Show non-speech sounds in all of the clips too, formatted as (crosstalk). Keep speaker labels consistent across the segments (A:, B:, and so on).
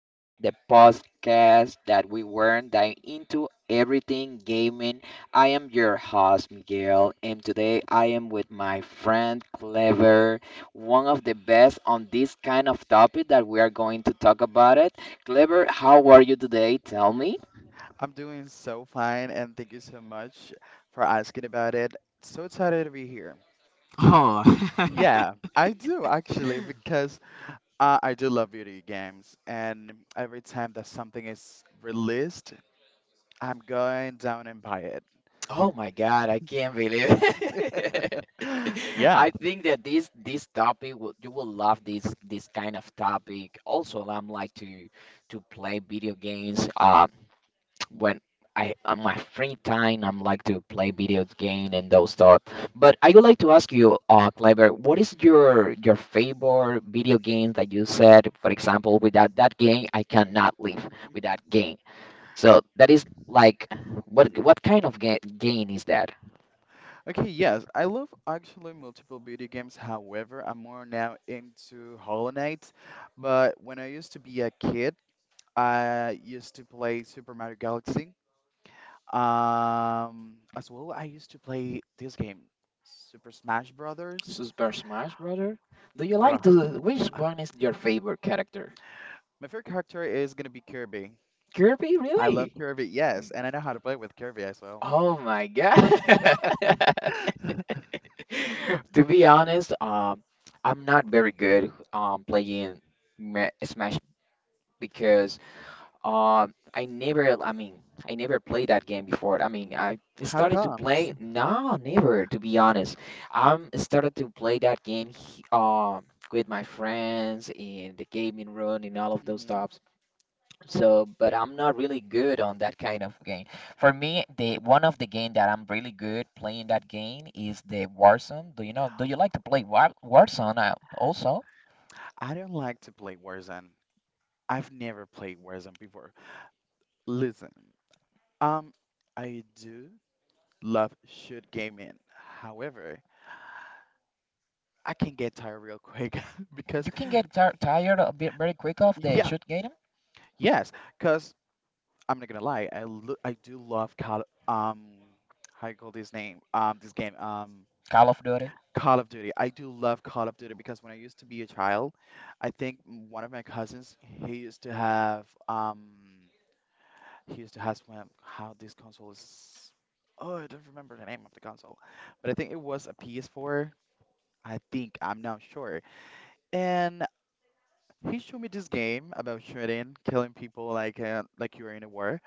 A: Up, the podcast that we weren't diving into everything gaming. I am your host, Miguel, and today I am with my friend Clever, one of the best on this kind of topic that we are going to talk about it. Clever, how are you today? Tell me.
B: I'm doing so fine, and thank you so much for asking about it. So excited to be here.
A: Oh.
B: Yeah,
A: (laughs)
B: I do actually, because I do love video games, and every time that something is released, I'm going down and buy it.
A: Oh my God, I can't believe it!
B: (gasps)
A: (laughs) I
B: Yeah.
A: think that this topic will, you will love this kind of topic. Also, I'm like to play video games. When I on my free time, I'm like to play video game and those stuff. But I would like to ask you, Clever, what is your favorite video game that you said? For example, without that game, I cannot live. Without game, so that is like what kind of ga game is that?
B: Okay, yes, I love actually multiple video games. However, I'm more now into Hollow Knight, but when I used to be a kid, I used to play Super Mario Galaxy. As well, I used to play this game, Super Smash Brothers.
A: Super Smash Brother? Do you like
B: Bruh,
A: the which
B: uh,
A: one is your favorite character?
B: my favorite character is gonna be Kirby.
A: Kirby,
B: I love
A: really?
B: Kirby, yes, and I know how to play with Kirby as well.
A: Oh my God. (laughs) To be honest, I'm not very good playing Smash because um I never I mean I never played that game before. I mean I
B: How
A: started to
B: comes?
A: play no never to be honest. I'm started to play that game um with my friends in the gaming room and all
B: (laughs)
A: of those
B: hmm
A: stuff. So, but I'm not really good on that kind of game. For me, the one of the game that I'm really good playing that game is the Warzone. Do you know? Do you like to play Warzone? Also,
B: I don't like to play Warzone. I've never played Warzone before. Listen, um, I do love shoot gaming. However, I can get tired real quick (laughs) because
A: you can get tar tired a bit very quick of the
B: yeah,
A: shoot game,
B: yes, because I'm not gonna lie. I do love Call how you call this name this game
A: Call of Duty.
B: Call of Duty. I do love Call of Duty because when I used to be a child, I think one of my cousins he used to have one how this console is oh, I don't remember the name of the console, but I think it was a PS4. I think I'm not sure. And he showed me this game about shooting, killing people like you were in a war,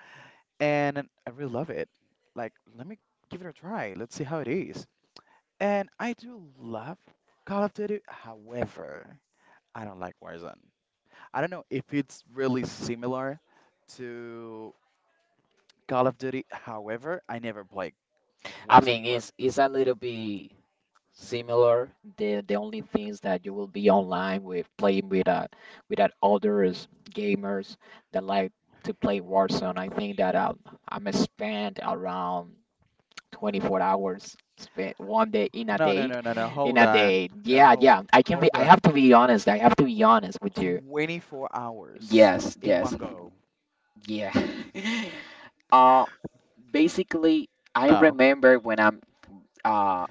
B: and I really love it. Like, let me give it a try. Let's see how it is. And I do love Call of Duty. However, I don't like Warzone. I don't know if it's really similar to Call of Duty. However, I never played
A: I
B: Warzone
A: mean,
B: before.
A: it's a little bit similar. The only things that you will be online with playing with that others gamers that like to play Warzone. I think that I'm spent around 24 hours spent 1 day in a
B: No, no,
A: date
B: no, no, no. Hold on. No,
A: yeah, yeah. I can be,
B: hold
A: I
B: on.
A: have to be honest, I have to be honest with you.
B: 24 hours
A: Yes,
B: in
A: yes,
B: one go.
A: yeah. (laughs) uh Basically I
B: No.
A: remember when I'm uh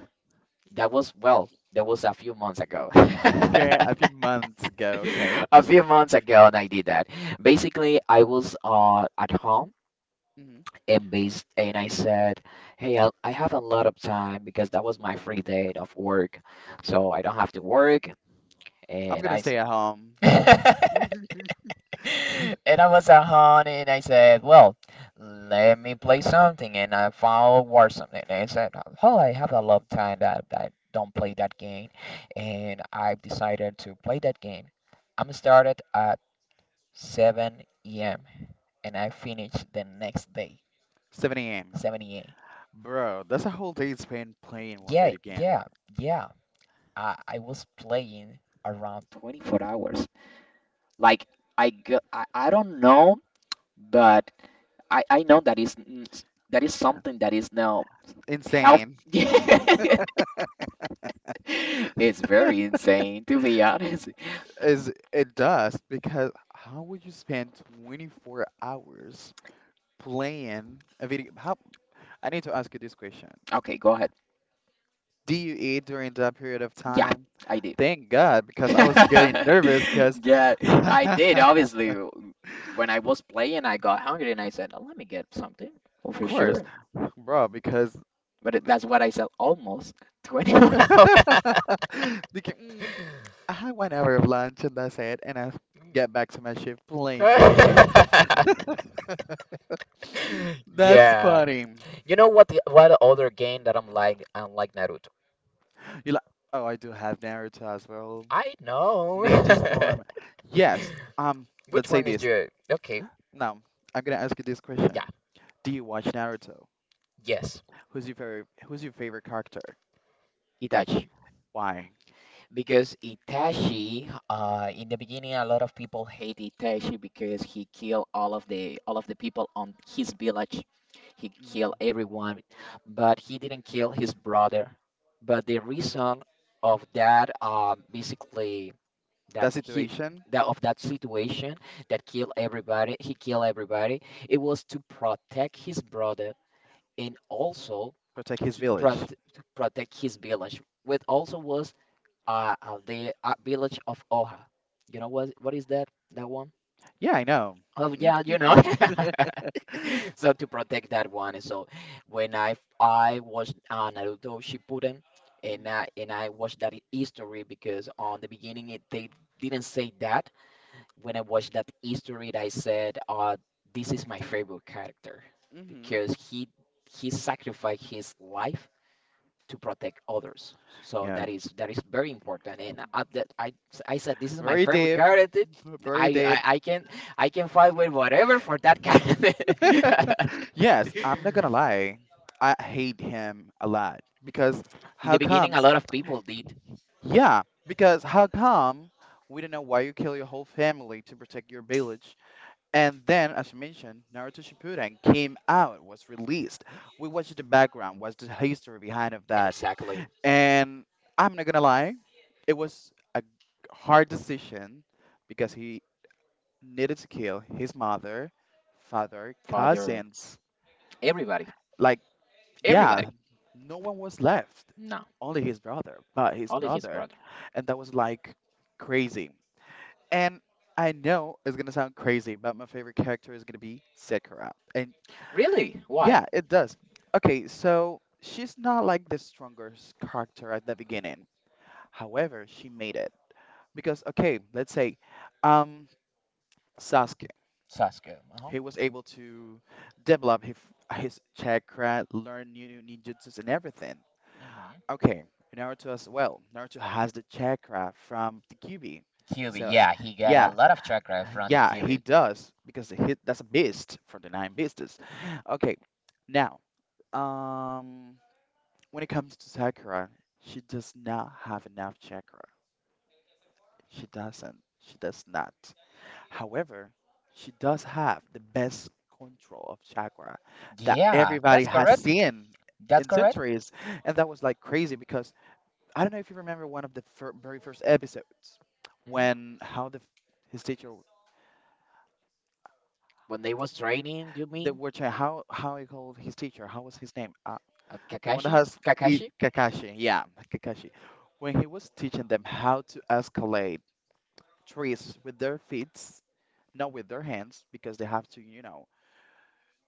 A: that was, well, that was a few months ago. (laughs) (laughs)
B: Okay, a few months ago. Okay.
A: A few months ago, and I did that. Basically I was at home
B: hmm
A: based, and I said, "Hey, I have a lot of time because that was my free day of work, so I don't have to work."
B: I'm
A: And
B: gonna
A: I s-
B: stay at home.
A: (laughs)
B: (laughs)
A: and I was at home and I said, "Well, let me play something." And I found War something. And I said, "Oh, I have a lot of time that I don't play that game," and I've decided to play that game. I'm started at 7 a.m. and I finished the next day
B: 7 a.m.
A: 7 a.m.
B: Bro, that's a whole day spent playing one
A: Yeah,
B: video game.
A: yeah, yeah. I was playing around 24 hours. Like I go, I don't know, but I know that is that is something that is now health.
B: Insane.
A: (laughs) It's very insane to be honest.
B: Is it does because how would you spend 24 hours playing a video? How, I need to ask you this question.
A: Okay, go ahead.
B: Do you eat during that period of
A: Yeah,
B: time?
A: I did.
B: Thank God, because I was getting
A: (laughs)
B: nervous because
A: Yeah,
B: (laughs)
A: I did.
B: of
A: Obviously, when I was playing, I got hungry and I said, "Oh, let me get something." Oh, for
B: course,
A: sure.
B: bro, because
A: But that's what I sell almost (laughs) 20 one
B: (laughs)
A: hour. (laughs)
B: because, I had 1 hour of lunch and that's it, and I get back to my shift playing video games. That's
A: Yeah.
B: funny.
A: You know what the what other game that I'm like? Naruto.
B: You like? Oh, I do have Naruto as well.
A: I know.
B: Ninja
A: (laughs)
B: Storm. Yes.
A: Which
B: Let's say
A: one is
B: this.
A: your, okay?
B: Now, I'm gonna ask you this question.
A: Yeah,
B: Do you watch Naruto?
A: yes,
B: Who's your favorite? Who's your favorite character?
A: Itachi.
B: Why?
A: Because Itachi, in the beginning, a lot of people hate Itachi because he killed all of the people on his village. He
B: Mm
A: killed everyone, but he didn't kill his brother. But the reason of that, basically,
B: That
A: that he
B: situation?
A: that of that situation that killed everybody, he killed everybody. It was to protect his brother and also
B: Protect his
A: to,
B: village.
A: prot to protect his village, which also was the village of Oha. You know what is that? That one?
B: Yeah, I know.
A: Oh yeah,
B: Mm-mm.
A: you know. (laughs) So to protect that one, so when I watched Naruto Shippuden, and I watched that history because on the beginning it, they didn't say that. When I watched that history, I said, this is my favorite character
B: Mm-hmm.
A: because he sacrificed his life to protect others. So
B: Yeah.
A: that is very important." And at that, I said this is my
B: Very
A: favorite
B: deep.
A: character.
B: (laughs) Very
A: I,
B: deep.
A: I I can I can fight with whatever for that character.
B: Yes, I'm not gonna
A: (laughs)
B: lie. I hate him a lot because
A: In the
B: how
A: beginning,
B: come?
A: a lot of people did
B: Yeah, because how come we don't know why you kill your whole family to protect your village? And then, as you mentioned, Naruto Shippuden came out, was released. We watched the background, what's the history behind of that?
A: exactly.
B: And I'm not gonna lie, it was a hard decision because he needed to kill his mother, father,
A: Father,
B: cousins.
A: everybody,
B: Like,
A: everybody.
B: yeah, no one was left,
A: No,
B: only his brother, but his
A: only his
B: brother,
A: brother.
B: and that was like crazy. And I know it's gonna sound crazy, but my favorite character is gonna be Sakura. And
A: Really? Why?
B: yeah, it does. Okay, so she's not like the strongest character at the beginning. However, she made it. Because okay, let's say um Sasuke,
A: Sasuke. Uh-huh.
B: he was able to develop his chakra, learn new ninjutsus and everything.
A: Hmm.
B: Okay, Naruto as well. Naruto has the chakra from the Kyuubi.
A: Kyuubi,
B: So
A: yeah, he got a
B: yeah,
A: lot of chakra from the
B: yeah, he
A: Kyuubi.
B: does because he, that's a beast from the Nine Beasts. Okay, now, um, when it comes to Sakura, she does not have enough chakra. She doesn't. She does not. However, she does have the best control of chakra that
A: Yeah,
B: everybody
A: that's
B: has
A: correct.
B: seen
A: That's
B: in
A: correct.
B: centuries, and that was like crazy because I don't know if you remember one of the fir very first episodes
A: Mhm.
B: when how the his teacher
A: When they was training, you
B: the
A: mean?
B: which how he called his teacher. How was his name? The one that
A: Kakashi?
B: has
A: Kakashi?
B: Kakashi. Yeah, Kakashi. When he was teaching them how to escalate trees with their feet, not with their hands, because they have to, you know,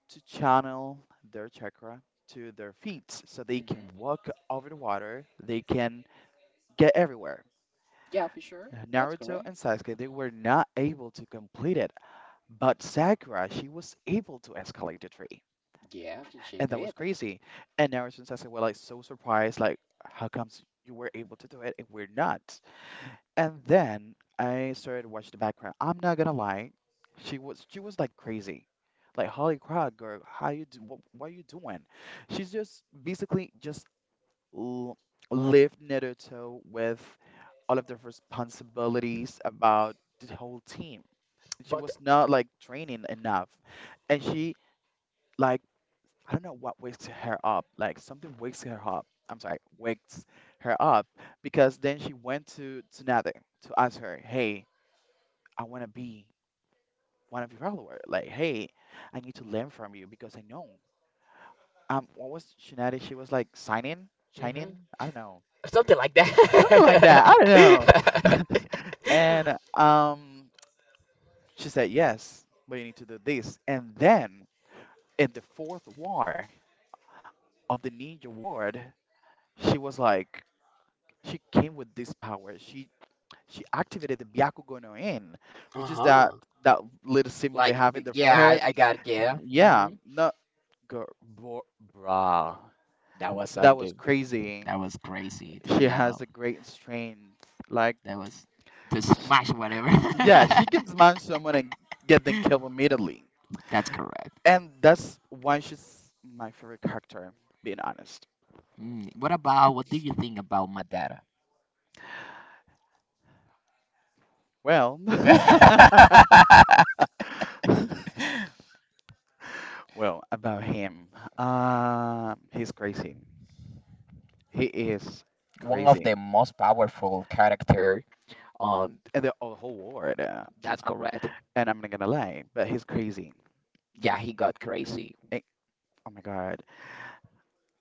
B: to channel their chakra to their feet so they can
A: Hmm.
B: walk over the water. They can get everywhere.
A: Yeah, for sure. That's
B: Naruto
A: correct.
B: and Sasuke, they were not able to complete it, but Sakura, she was able to escalate the tree,
A: Yeah, she
B: and that was
A: did.
B: crazy. And ever since I said, well, like so surprised, like how comes you were able to do it and we're not? And then I started watching the background. I'm not gonna lie, she was like crazy, like holy crap, girl, how you do? What are you doing? She's just basically just l- lived knit her toe with all of the responsibilities about the whole team. She
A: But
B: was not like training enough, and she like I don't know what wakes her up. Like something wakes her up. I'm sorry, wakes her up because then she went to Nade to ask her, "Hey, I want to be one of your followers. Like, hey, I need to learn from you because I know." What was Shinade? She was like signing,
A: hmm,
B: shining. I don't know,
A: something like
B: something
A: that.
B: like that. I don't know.
A: (laughs)
B: (laughs) And she said, "Yes, but you need to do this." And then in the fourth war of the Ninja Ward, she was like, she came with this power. She activated the Byakugo no In, which is
A: Uh-huh.
B: that little symbol they have in their
A: Yeah,
B: forehead.
A: I got it. Yeah.
B: Yeah,
A: Hmm.
B: not go, bro, brah.
A: That was
B: That was
A: something.
B: crazy.
A: That was crazy, to
B: She
A: be honest.
B: has a great strength. Like,
A: That was to
B: sh
A: smash whatever.
B: yeah, she
A: (laughs)
B: can smash someone and get them killed immediately.
A: That's correct.
B: And that's why she's my favorite character, being honest.
A: Mm. What what do you think about Madara?
B: Well,
A: (laughs)
B: (laughs) well, about him. He's crazy. He is
A: One of
B: crazy.
A: the most powerful character. Um,
B: And the, oh, the whole ward.
A: that's correct.
B: And I'm not gonna lie, but he's crazy.
A: Yeah, he got crazy.
B: Eh, oh my God,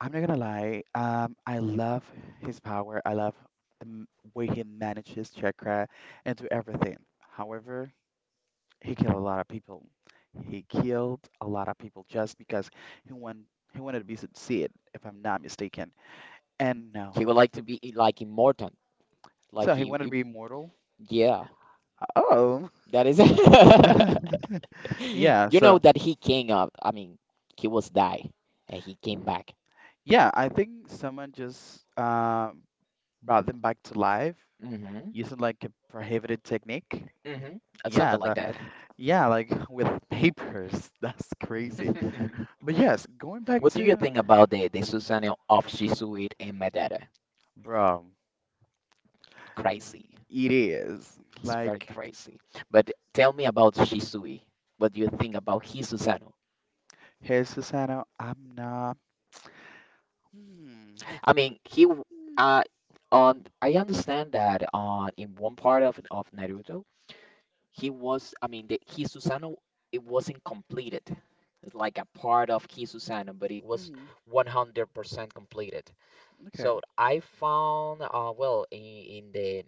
B: I'm not gonna lie. I love his power. I love the way he manages chakra and do everything. However, he killed a lot of people. He killed a lot of people just because he want he wanted to be succeed, if I'm not mistaken. And
A: He
B: no,
A: would like to be like immortal. Like
B: so he
A: he,
B: wanted to
A: he-
B: be immortal.
A: yeah,
B: Oh,
A: that is. (laughs)
B: (laughs) yeah.
A: You know
B: So
A: that he came up. I mean, he was die, and he came back.
B: yeah, I think someone just brought them back to life
A: Mm-hmm.
B: using like a prohibited technique.
A: Mm-hmm.
B: Yeah,
A: Something like
B: the
A: that.
B: yeah, like (laughs) with papers. (laughs) That's crazy.
A: (laughs)
B: But yes, going back
A: What do you
B: to
A: think about the Susanoo of Shisui and Madara?
B: bro,
A: Crazy.
B: it is
A: It's very
B: like
A: crazy. But tell me about Shisui. What do you think about his Susanoo?
B: hey Susano, I'm not. Hmm.
A: I mean, he w- uh on I understand that on in one part of Naruto, he was, I mean, the his Susanoo it wasn't completed. It's like a part of his Susanoo, but it was
B: Mm-hmm.
A: 100% completed.
B: Okay.
A: So I found well in the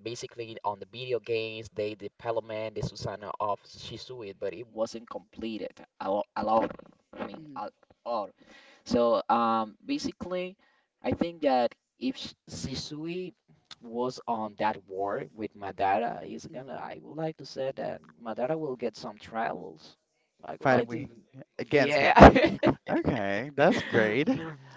A: basically on the video games they development the Susanoo of Shisui, but it wasn't completed a lot, a lot. I mean
B: Mm-hmm.
A: a lot. So basically, I think that if Shisui was on that war with Madara, he's
B: hmm
A: gonna. I would like to say that Madara will get some trials. I would
B: Fighting
A: like to.
B: with against
A: Yeah.
B: him. Okay, that's great.
A: (laughs)
B: This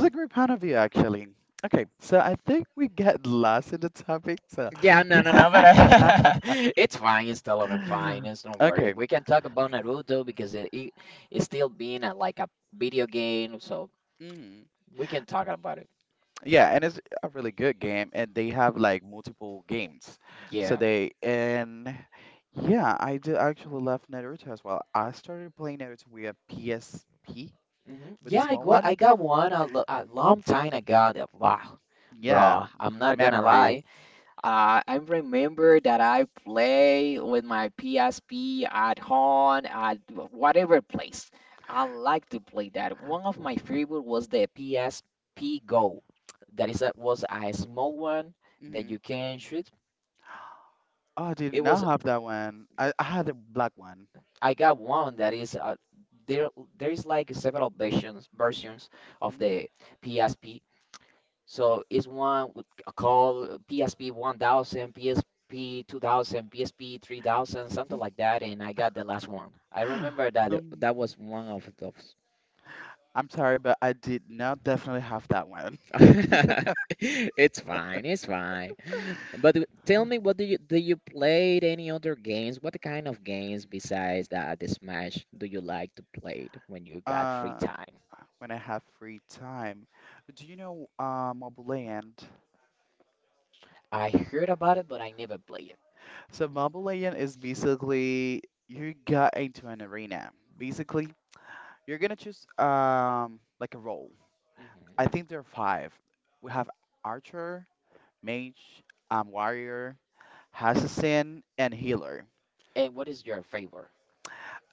B: is a great point of view, actually. Okay, so I think we get (laughs) lost in the topic. So,
A: Yeah, no, no, no, but (laughs) it's fine. It's still on
B: (laughs)
A: fine. It's don't worry.
B: okay.
A: We can talk about Naruto because it it's still being a, like a video game, so
B: Mhm.
A: we can talk about it.
B: Yeah, and it's a really good game, and they have like multiple games. So
A: Yeah.
B: they and yeah, I do actually love Naruto as well. I started playing Naruto with a PSP
A: Hmm.
B: with the
A: Yeah,
B: small one.
A: I got one a, a long time ago. Wow,
B: Yeah,
A: bro, I'm not gonna
B: memories.
A: lie. I remember that I play with my PSP at home at whatever place. I like to play that. One of my favorite was the PSP Go. That is that was a small one that
B: Hmm
A: you can shoot.
B: Oh, I did
A: It was
B: not have that one. I had a black one.
A: I got one that is there. There is like several versions of
B: Hmm
A: the PSP. So it's one called PSP 1000, PSP 2000, PSP 3000, something like that. And I got the last one. I
B: (gasps)
A: remember that
B: Um,
A: that was one of those.
B: I'm sorry, but I did not definitely have that one. (laughs)
A: (laughs) It's fine, it's fine. But tell me, what do you played any other games? What kind of games besides that the Smash do you like to play when you got free
B: Uh,
A: time?
B: when I have free time, do you know Mobile Legend?
A: I heard about it, but I never play it.
B: So Mobile Legend is basically you got into an arena. Basically, you're gonna choose like a role.
A: Hmm.
B: I think there are five. We have archer, mage, warrior, assassin, and healer.
A: And what is your favorite?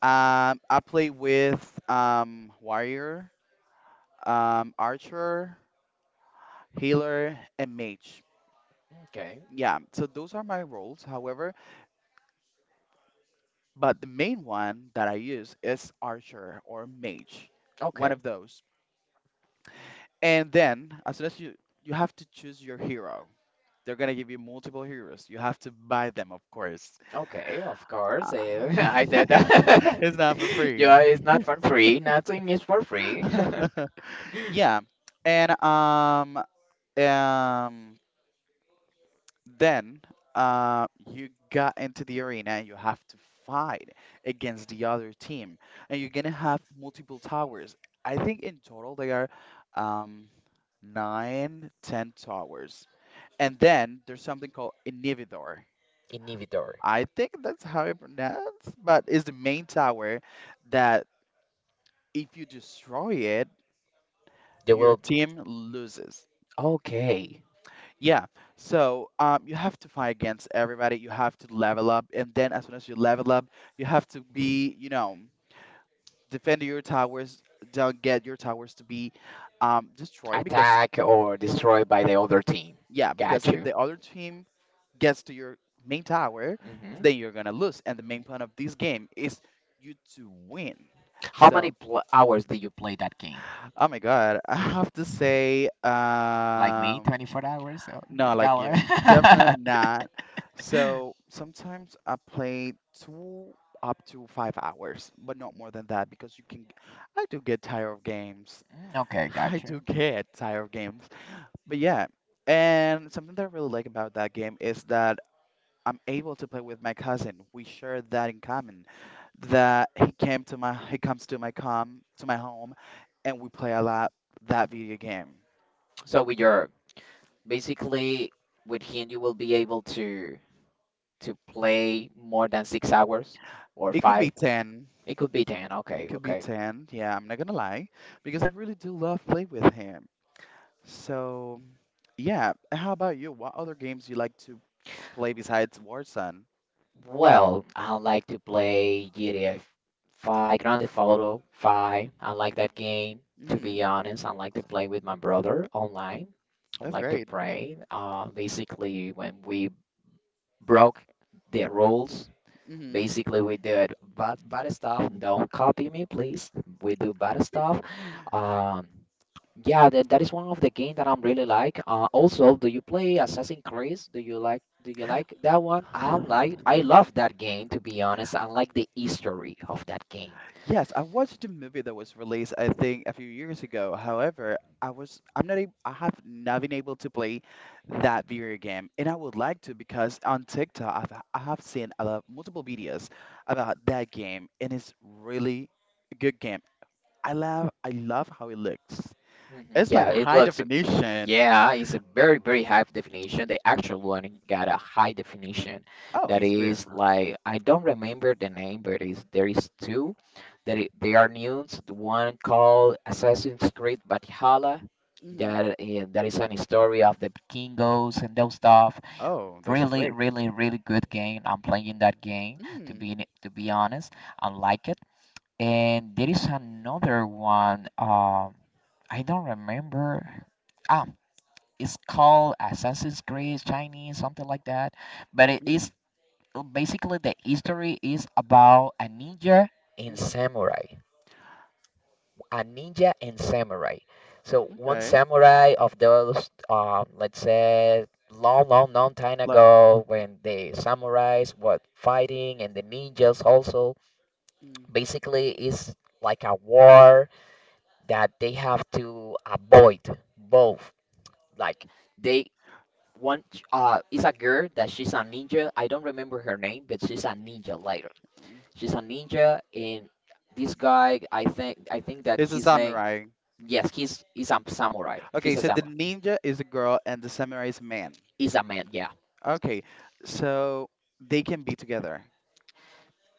B: I play with warrior, archer, healer, and mage.
A: Okay,
B: Yeah, so those are my roles. However, but the main one that I use is archer or mage, one
A: okay.
B: of those. And then, as soon as you have to choose your hero, they're gonna give you multiple heroes. You have to buy them, of course.
A: Okay, of course.
B: Uh,
A: Eh, (laughs) I said
B: (laughs)
A: that. (laughs)
B: it's not for free.
A: Yeah, it's not for free. Nothing is for free.
B: (laughs) Yeah, and um then you got into the arena and you have to fight against the other team, and you're gonna have multiple towers. I think in total they are um 9, 10 towers. And then there's something called Inhibidor.
A: (laughs) Inhibitor.
B: I think that's how it pronounced, but it's the main tower that if you destroy it,
A: They
B: your
A: will,
B: team loses.
A: okay,
B: Yeah, so you have to fight against everybody. You have to level up, and then as soon as you level up, you have to be, you know, defend your towers. Don't get your towers to be destroyed because
A: attack or destroy by the other team.
B: yeah,
A: Got
B: because if
A: you.
B: the other team gets to your main tower,
A: Hmm.
B: then you're gonna lose. And the main point of this game is you to win.
A: How many
B: So,
A: pl hours do you play that game?
B: oh my God, (laughs) I have to say,
A: Like me, 24 hours or
B: no,
A: with
B: like
A: color?
B: you, definitely not.
A: (laughs)
B: So sometimes I play two up to 5 hours, but not more than that because you can. I do get tired of games.
A: Mm, okay,
B: (laughs) I
A: got
B: do
A: you.
B: get tired of games. But yeah, and something that I really like about that game is that I'm able to play with my cousin. We share that in common. That he comes to my home and we play a lot that video game.
A: So with your basically with him, you will be able to play more than 6 hours or
B: It could be
A: five.
B: 10.
A: It could be 10.
B: It
A: Okay,
B: could be
A: okay.
B: 10. Yeah, I'm not gonna lie because I really do love play with him. So, yeah, how about you? What other games do you like to play besides Warzone?
A: Well, I like to play GTA 5, Grand Theft Auto 5. I like that game, to be
B: Mhm.
A: honest. I like to play with my brother online. I
B: That's
A: like to
B: great.
A: play. Basically, when we broke the rules,
B: Mhm.
A: basically we did bad, bad stuff. Don't copy me, please. We do bad stuff. Um, Yeah, that is one of the game that I'm really like. Also, do you play Assassin's Creed? Do you like that one? I love that game to be honest. I like the history of that game.
B: Yes, I watched a movie that was released, I think, a few years ago. However, I have not been able to play that video game, and I would like to because on TikTok I have seen about multiple videos about that game, and it's really a good game. I love how it looks.
A: Hmm.
B: It's
A: Yeah,
B: like
A: it
B: high
A: looks,
B: definition.
A: yeah, it's a very high definition. The actual one got a high definition
B: Oh,
A: that
B: it's pretty.
A: is like I don't remember the name, but is there is two that they are new. One called Assassin's Creed Valhalla,
B: Mm-hmm.
A: that and that is an story of the Vikingos and those stuff.
B: Oh, that's
A: Really,
B: great.
A: really, really good game. I'm playing that game to
B: Mm,
A: be to be honest. I like it. And there is another one. I don't remember. Ah, it's called Assassin's Creed Chinese, something like that. But it is
B: mm,
A: basically the history is about a ninja and
B: mm-hmm.
A: samurai, a ninja and samurai. So one
B: Okay.
A: samurai of those, let's say, long, long, long time
B: Like,
A: ago, when the samurais were fighting and the ninjas also,
B: mm.
A: basically is like a war that they have to avoid both. Like they one is a girl that she's a ninja. I don't remember her name, but she's a ninja later.
B: Mm.
A: She's a ninja and this guy I think that
B: It's a
A: his name.
B: samurai.
A: Yes, he's a samurai. He's
B: Okay,
A: a
B: so the
A: samurai.
B: ninja is a girl and the samurai is a man.
A: He's a man. Yeah.
B: Okay, so they can be together.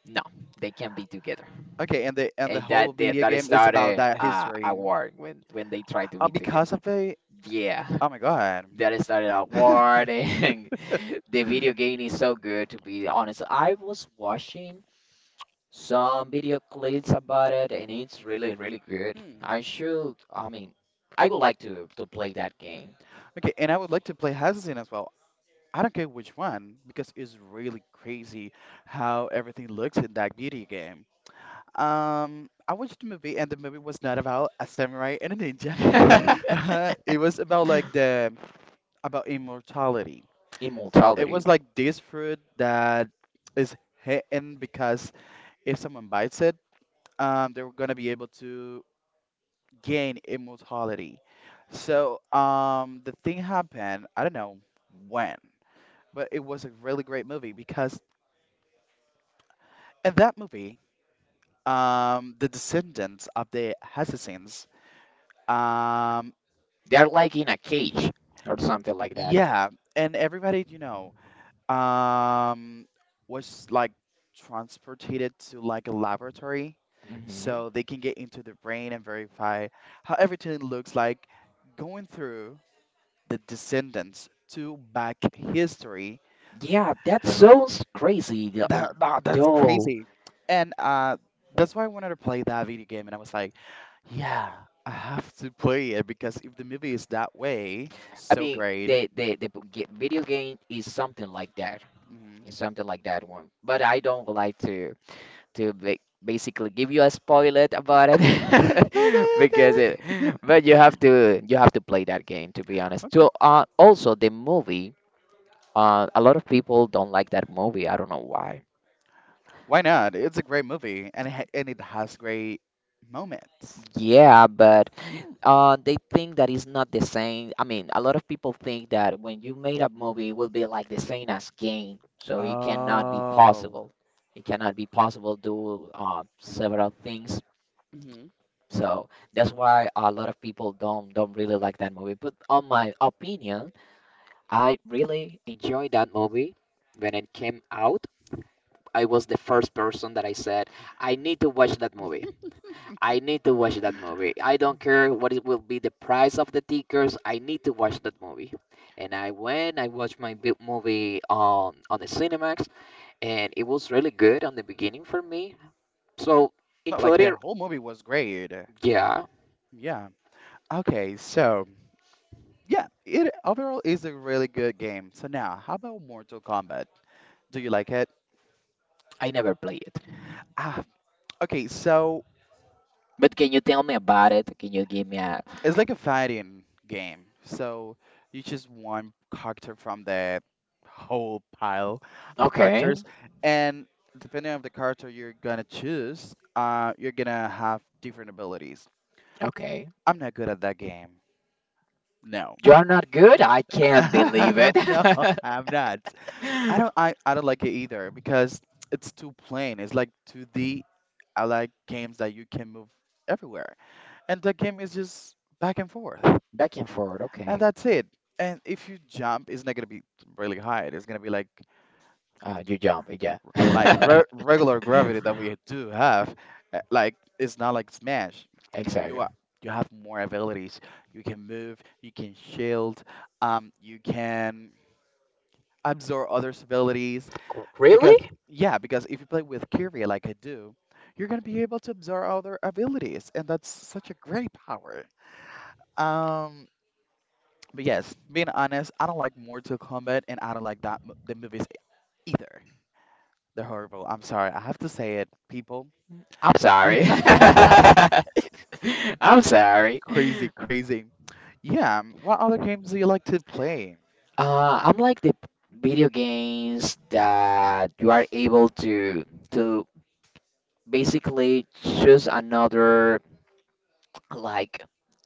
A: No, they can't be together.
B: Okay, and the
A: And
B: whole
A: that that,
B: video
A: that
B: game is about
A: started
B: that
A: a
B: history.
A: war when they tried to be together.
B: Because of it,
A: Yeah.
B: oh my God.
A: That started a war and (laughs) the video game is so good to be honest. I was watching some video clips about it and it's really really good.
B: Hmm.
A: I mean, I would like to play that game.
B: Okay, and I would like to play Assassin as well. I don't care which one because it's really crazy how everything looks in that video game. I watched the movie and the movie was not about a samurai and a ninja. (laughs)
A: (laughs)
B: It was about like the about immortality. It
A: Immortality.
B: was like this fruit that is hidden because if someone bites it, they're gonna be able to gain immortality. So the thing happened. I don't know when, but it was a really great movie because in that movie, the descendants of the assassins, um,
A: They're like in a cage or something like that.
B: yeah, and everybody um was like transported to like a laboratory
A: hmm.
B: so they can get into the brain and verify how everything looks like going through the descendants to back history.
A: Yeah, that sounds crazy.
B: That's
A: Though,
B: crazy. And that's why I wanted to play that video game, and I was like, yeah, I have to play it because if the movie is that way
A: I
B: so
A: mean,
B: great.
A: the video game is something like that.
B: Mhm.
A: It's something like that one. But I don't like to basically give you a spoiler about it.
B: (laughs)
A: (laughs) Because it.
B: Okay.
A: But you have to play that game to be honest.
B: Okay.
A: So, also the movie. A lot of people don't like that movie. I don't know why.
B: Why not? It's a great movie, and it has great moments.
A: Yeah, but
B: Mm.
A: they think that it's not the same. I mean, a lot of people think that when you made a movie, it will be like the same as game, so it cannot be
B: Oh.
A: possible. It cannot be possible do several things.
B: Hmm.
A: So that's why a lot of people don't really like that movie. But on my opinion, I really enjoyed that movie when it came out. I was the first person that I said I need to watch that movie. I need to watch that movie. I don't care what it will be the price of the tickets. I need to watch that movie. And I went, I watched my big movie on the Cinemax, and it was really good on the beginning for me. So,
B: Not like the
A: including,
B: whole movie was great.
A: yeah,
B: Yeah. Okay, so yeah, it overall is a really good game. So now, how about Mortal Kombat? Do you like it?
A: I never play it.
B: Ah, okay. So
A: But can you tell me about it? Can you give me a,
B: it's like a fighting game. So you choose one character from the whole pile of
A: okay,
B: characters, and depending on the character you're gonna choose, you're gonna have different abilities.
A: okay.
B: I'm not good at that game. No,
A: You are not good? I can't believe it.
B: (laughs) no, I'm
A: (laughs)
B: not. I don't. I don't like it either because it's too plain. It's like 2D. I like games that you can move everywhere, and that game is just back and forth.
A: Back and forward,
B: And
A: okay.
B: that's it. And if you jump, it's not gonna be really high. It's gonna be
A: You jump, yeah.
B: like
A: (laughs)
B: re regular gravity that we do have. Like it's not like Smash. I mean,
A: Exactly.
B: you have more abilities. You can move. You can shield. You can absorb others' abilities
A: Really?
B: because yeah, because if you play with Kyrie like I do, you're gonna be able to absorb other abilities, and that's such a great power. Um, But yes, being honest, I don't like Mortal Kombat and I don't like the movies either. They're horrible. I'm sorry. I have to say it, people.
A: I'm sorry. (laughs) I'm sorry.
B: Crazy, crazy. Yeah. What other games do you like to play?
A: I'm like the video games that you are able to to basically choose another like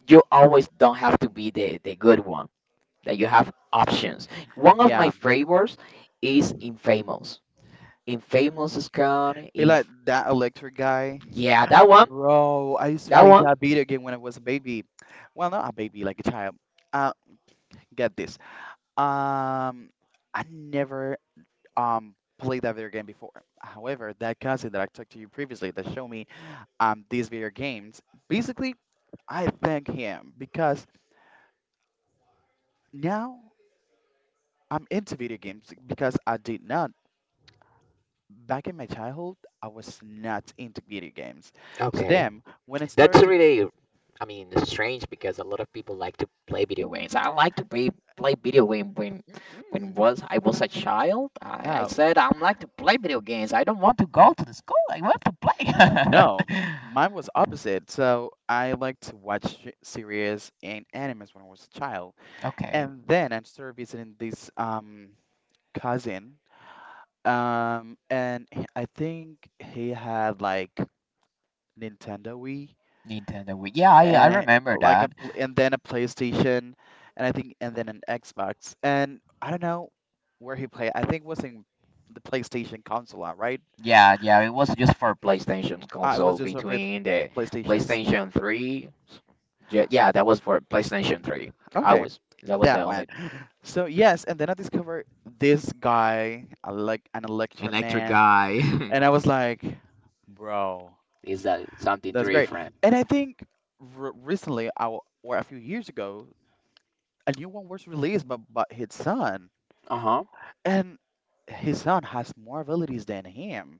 A: you always don't have to be the good one. That you have options. One of
B: Yeah.
A: my favorites is Infamous. Infamous is gone.
B: You like
A: Inf.
B: that electric guy?
A: Yeah, that one.
B: Bro, I used to
A: That
B: play
A: one.
B: that video game when I was a baby. Well, not a baby, like a child. Uh, get this. Um, I never played that video game before. However, that cousin that I talked to you previously that showed me these video games. Basically, I thank him because now I'm into video games because I did not. Back in my childhood, I was not into video games. So
A: Okay.
B: then, when it started
A: That's
B: to.
A: really, I mean, it's strange because a lot of people like to play video games. I like to play video game when
B: Mm-mm,
A: was I was a child. I
B: no,
A: said I'm like to play video games. I don't want to go to the school. I want to play.
B: (laughs) no,
A: (laughs)
B: mine was opposite. So I liked to watch series and animes when I was a child.
A: Okay,
B: And then I started visiting this cousin, and I think he had like Nintendo Wii
A: Nintendo Wii. Yeah, I
B: and
A: remember that.
B: and then a PlayStation, and I think and then an Xbox. And I don't know where he played. I think it was in the PlayStation console, right?
A: Yeah, yeah, it was just for PlayStation
B: I
A: console
B: was just over at
A: between the
B: PlayStations.
A: PlayStation 3. Yeah, yeah, that was for PlayStation 3. I
B: Okay,
A: was that was the
B: that one.
A: only
B: So yes, and then I discovered this guy, a like an electric
A: electric
B: man,
A: guy.
B: and I
A: (laughs)
B: was like, bro,
A: Is that something
B: that's great.
A: different?
B: And I think re recently, I w or a few years ago, a new one was released, but his son.
A: Uh-huh.
B: His son has more abilities than him.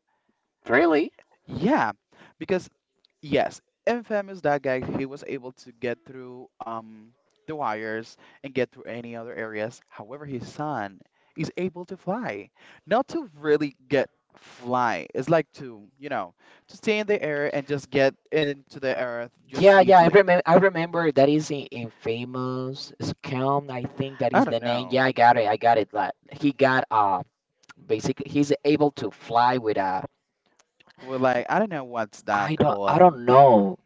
A: Really?
B: Yeah, because yes, Infamous that guy he was able to get through the wires and get through any other areas. However, his son is able to fly. Not to really get fly. It's like to stay in the air and just get into the earth just
A: Yeah, yeah. I
B: easily.
A: remember. I remember that is in famous scam. I think that
B: I
A: is the
B: don't
A: name.
B: know.
A: Yeah, I got it. I got it. Like he got basically he's able to fly with a.
B: Well, like I don't know what's that
A: I don't. I
B: called.
A: don't know.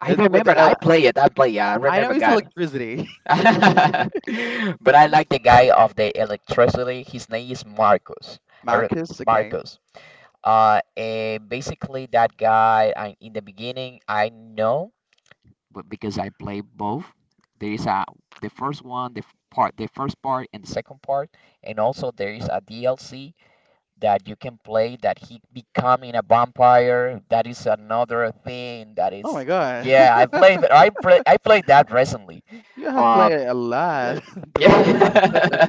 A: I
B: It's with
A: remember. I
B: el-
A: play it. I play. Yeah, I
B: I know
A: remember.
B: it's
A: Got.
B: electricity.
A: (laughs) But I like the guy of the electricity. His name is Marcus.
B: (laughs)
A: I re
B: Marcus, okay.
A: Marcus. And basically that guy. I in the beginning I know. But because I play both. There is a the first one, the part, the first part and the second part, and also there is a DLC that you can play that he becoming a vampire. That is another thing. That
B: Oh my
A: is
B: God.
A: yeah.
B: (laughs)
A: I played that recently.
B: You have
A: Um,
B: played a
A: uh,
B: lot (laughs) throughout your life.
A: yeah.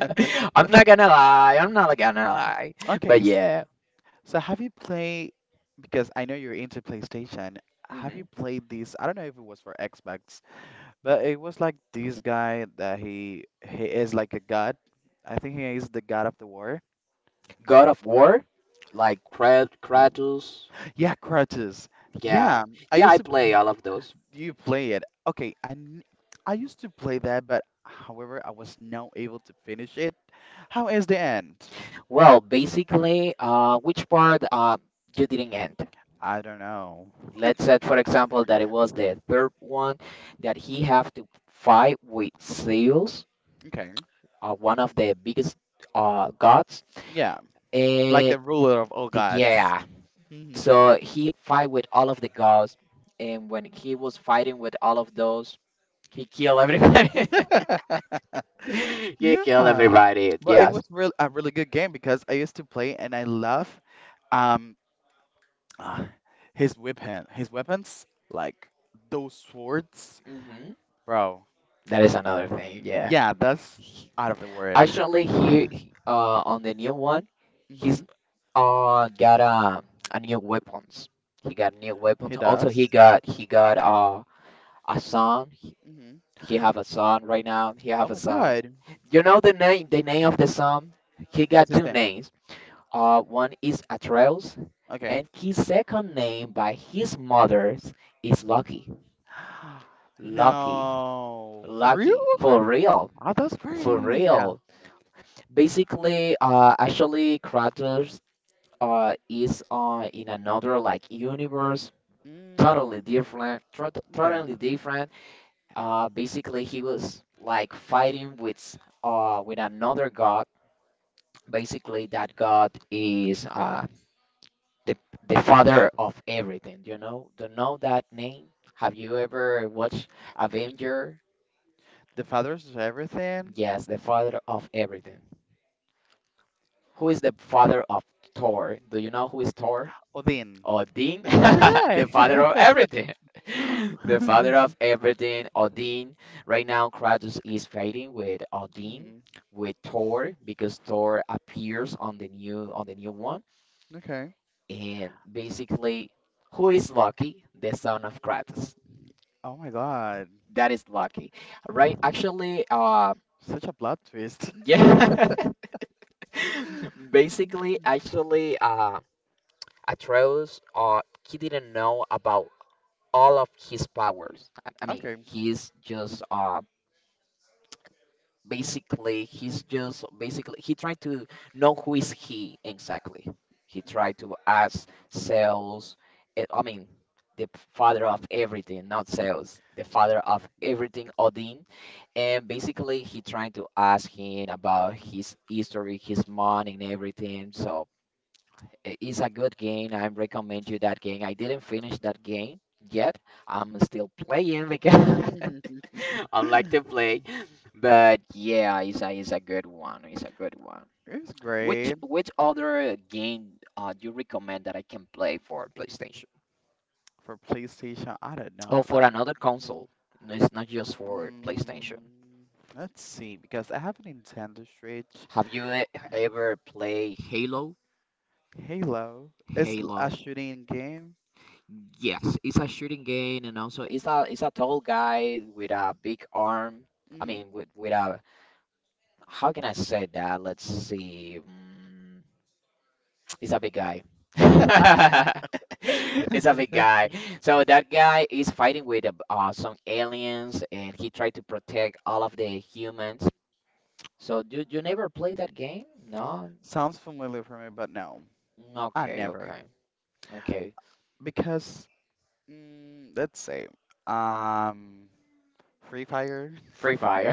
A: (laughs) I'm not gonna lie. I'm not gonna lie.
B: Okay,
A: But yeah.
B: so have you played, because I know you're into PlayStation, have you
A: Hmm.
B: played this? I don't know if it was for Xbox, but it was like this guy that he is like a god. I think he is the god of the war.
A: God of War, like Kratos.
B: Yeah, Kratos.
A: Yeah.
B: Yeah, I
A: Yeah,
B: used
A: I
B: to.
A: play all of those.
B: You play it? Okay, I used to play that, but however, I was not able to finish it. How is the end?
A: Well, basically, which part you didn't end?
B: I don't know.
A: Let's say, for example, that it was the third one that he have to fight with Zeus,
B: Okay.
A: one of the biggest gods,
B: Yeah. Like
A: and
B: the ruler of all
A: the,
B: gods.
A: yeah,
B: Hmm.
A: so he fight with all of the gods, and when he was fighting with all of those, he killed everybody. (laughs) (laughs)
B: (laughs)
A: He killed
B: Yeah.
A: everybody.
B: But it
A: Yes.
B: was real a really good game because I used to play and I love um ah, his weapons like those swords.
A: Hmm.
B: Bro.
A: That is another thing. Yeah.
B: Yeah, that's out of the word.
A: Actually, on the new one, he's
B: Hmm.
A: got a new weapons. He got new
B: He
A: weapons. Also, he
B: does.
A: got he got uh a son.
B: Hmm.
A: He have a son right now. He
B: Oh
A: have a
B: my
A: son.
B: God.
A: You know the name of the son. He got
B: What's his
A: two
B: name?
A: names. One is Atreus, and
B: Okay.
A: his second name by his mother's is Lucky.
B: (gasps)
A: Lucky,
B: No. For real?
A: Lucky, for real,
B: Oh, that's
A: for
B: great.
A: real. Basically, actually, Kratos is in another like universe, totally
B: Mm.
A: different,
B: Okay.
A: totally different. Basically, he was like fighting with another god. Basically, that god is the the father of everything. You know, do you know that name? Have you ever watched Avenger?
B: The fathers of everything.
A: Yes, the father of everything. Who is the father of Thor? Do you know who is Thor?
B: Odin.
A: Odin, (laughs) the
B: Okay.
A: father of everything.
B: (laughs)
A: (laughs) The father
B: Hmm.
A: of everything, Odin. Right now, Kratos is fighting with Odin, with Thor, because Thor appears on the new one.
B: Okay.
A: And basically, who is Loki? The son of Kratos.
B: Oh my God.
A: That is Loki, right? Actually,
B: Such a plot twist.
A: yeah. (laughs) (laughs) Basically, actually, Atreus, he didn't know about all of his powers. I I
B: (laughs)
A: mean,
B: Okay.
A: he's just basically he tried to know who is he exactly. He tried to ask Zeus, eh, I mean, the father of everything, not Zeus, the father of everything, Odin. And basically, he tried to ask him about his history, his mom, and everything. It's a good game. I recommend you that game. I didn't finish that game yet. I'm still playing because
B: (laughs)
A: (laughs) I'm like to play. But yeah, it's a good one. It's a good one.
B: It's
A: Which
B: great.
A: which other game do you recommend that I can play for PlayStation
B: For PlayStation, I don't know
A: or for
B: that.
A: another console? No, it's not just for PlayStation.
B: Mm, let's see, because I have a Nintendo Switch.
A: Have you e- Ever played Halo?
B: Halo is a
A: Halo.
B: shooting game.
A: Yes, it's a shooting game, and also it's a tall guy with a big arm. I
B: Mm.
A: mean, with a how can I say that? Let's see. Mm, it's a big guy. (laughs) It's a big guy. So that guy is fighting with some aliens, and he tried to protect all of the humans. So do you never play that game? No.
B: Sounds familiar for me, but no, I
A: Okay,
B: never.
A: okay, okay.
B: Because let's say, um, Free Fire.
A: Free Fire.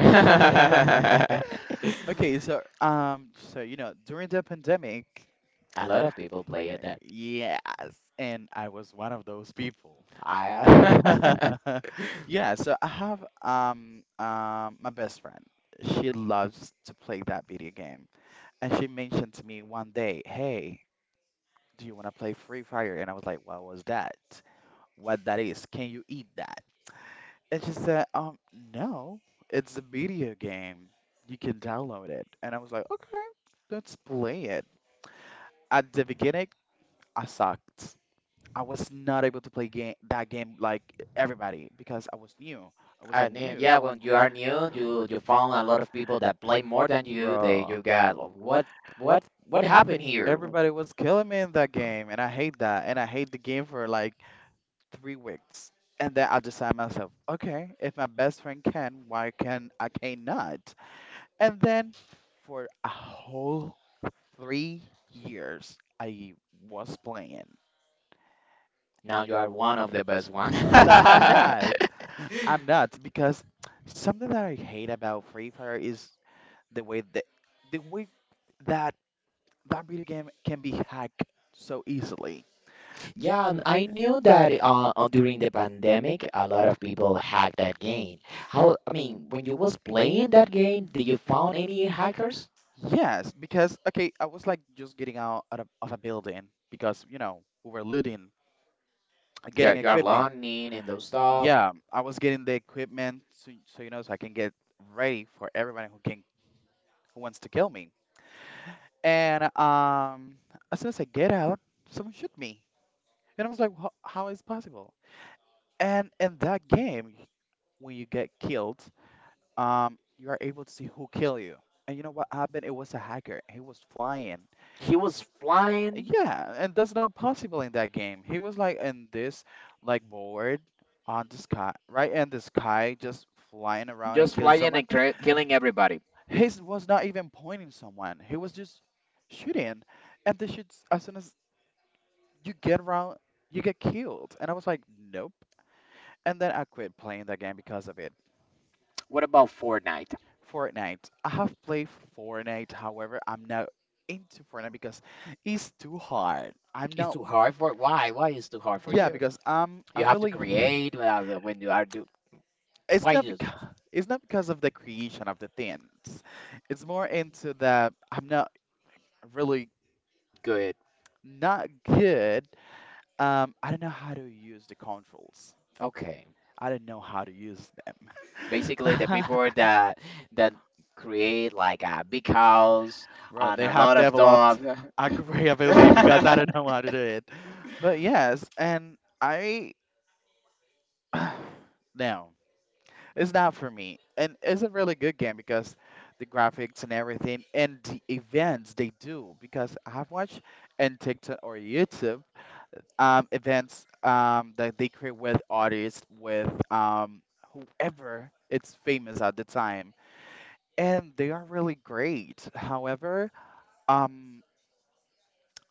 B: Okay, so during the pandemic,
A: (laughs) A lot of people play it.
B: yes, and I was one of those people.
A: I
B: (laughs) Yeah, so I have my best friend. She loves to play that video game, and she mentioned to me one day, "Hey, do you want to play Free Fire?" And I was like, "What was that? What that is? Can you eat that?" And she said, no, it's a video game. You can download it." And I was like, "Okay." Let's play it. At the beginning, I sucked. I was not able to play game that game like everybody because I was new. I
A: (laughs) I
B: wasn't
A: knew,
B: new,
A: yeah, when you are new you you found a lot of people that play more than you they you
B: bro.
A: got like, what what happened here.
B: Everybody was killing me in that game, and I hate that. And I hate the game for like 3 weeks. And then I decided myself, okay, if my best friend can, why can I can't not? And then for a whole 3 years, I was playing.
A: Now you are one of the best one.
B: No,
A: (laughs)
B: I'm not. I'm not because something that I hate about Free Fire is the way that the way that that video game can be hacked so easily.
A: Yeah, and I knew that during the pandemic a lot of people hacked that game. How I mean when you was playing that game did you found any hackers?
B: Yes, because okay, I was like just getting out of a building because you know we were looting,
A: You
B: getting
A: are, you are
B: equipment.
A: learning and those stuff.
B: Yeah, I was getting the equipment so I can get ready for everybody who wants to kill me. And as soon as I get out, someone shoot me, and I was like, how is possible?" And in that game, when you get killed, you are able to see who kill you. And you know what happened? It was a hacker. He was flying.
A: He was flying.
B: Yeah, and that's not possible in that game. He was like in this like board on the sky, right in the sky, just flying around and
A: Just
B: killing
A: flying
B: someone.
A: and killing everybody.
B: His was not even pointing someone. He was just shooting, and the shoots as soon as you get around, you get killed. And I was like, nope. And then I quit playing that game because of it.
A: What about Fortnite?
B: Fortnite. I have played Fortnite, however, I'm not into Fortnite because it's too hard. I'm
A: It's
B: not,
A: too hard for why? Why is too hard for
B: yeah,
A: you? You have to create when you are do.
B: it's
A: Why
B: not
A: is
B: because of the creation of the things. It's more into the, I'm not really,
A: good?
B: not good. I don't know how to use the controls.
A: Okay,
B: I don't know how to use
A: basically the
B: them.
A: people
B: (laughs)
A: that that create like a big house
B: Bro,
A: and
B: they
A: a
B: have
A: lot of
B: developed
A: stuff.
B: a great (laughs) ability because I don't
A: (laughs)
B: know how to do it. But yes, and I (sighs) no, it's not for me. And it's a really good game because the graphics and everything and the events they do, because I have watched on TikTok or YouTube events that they create with artists, with whoever it's famous at the time. And they are really great. However, um,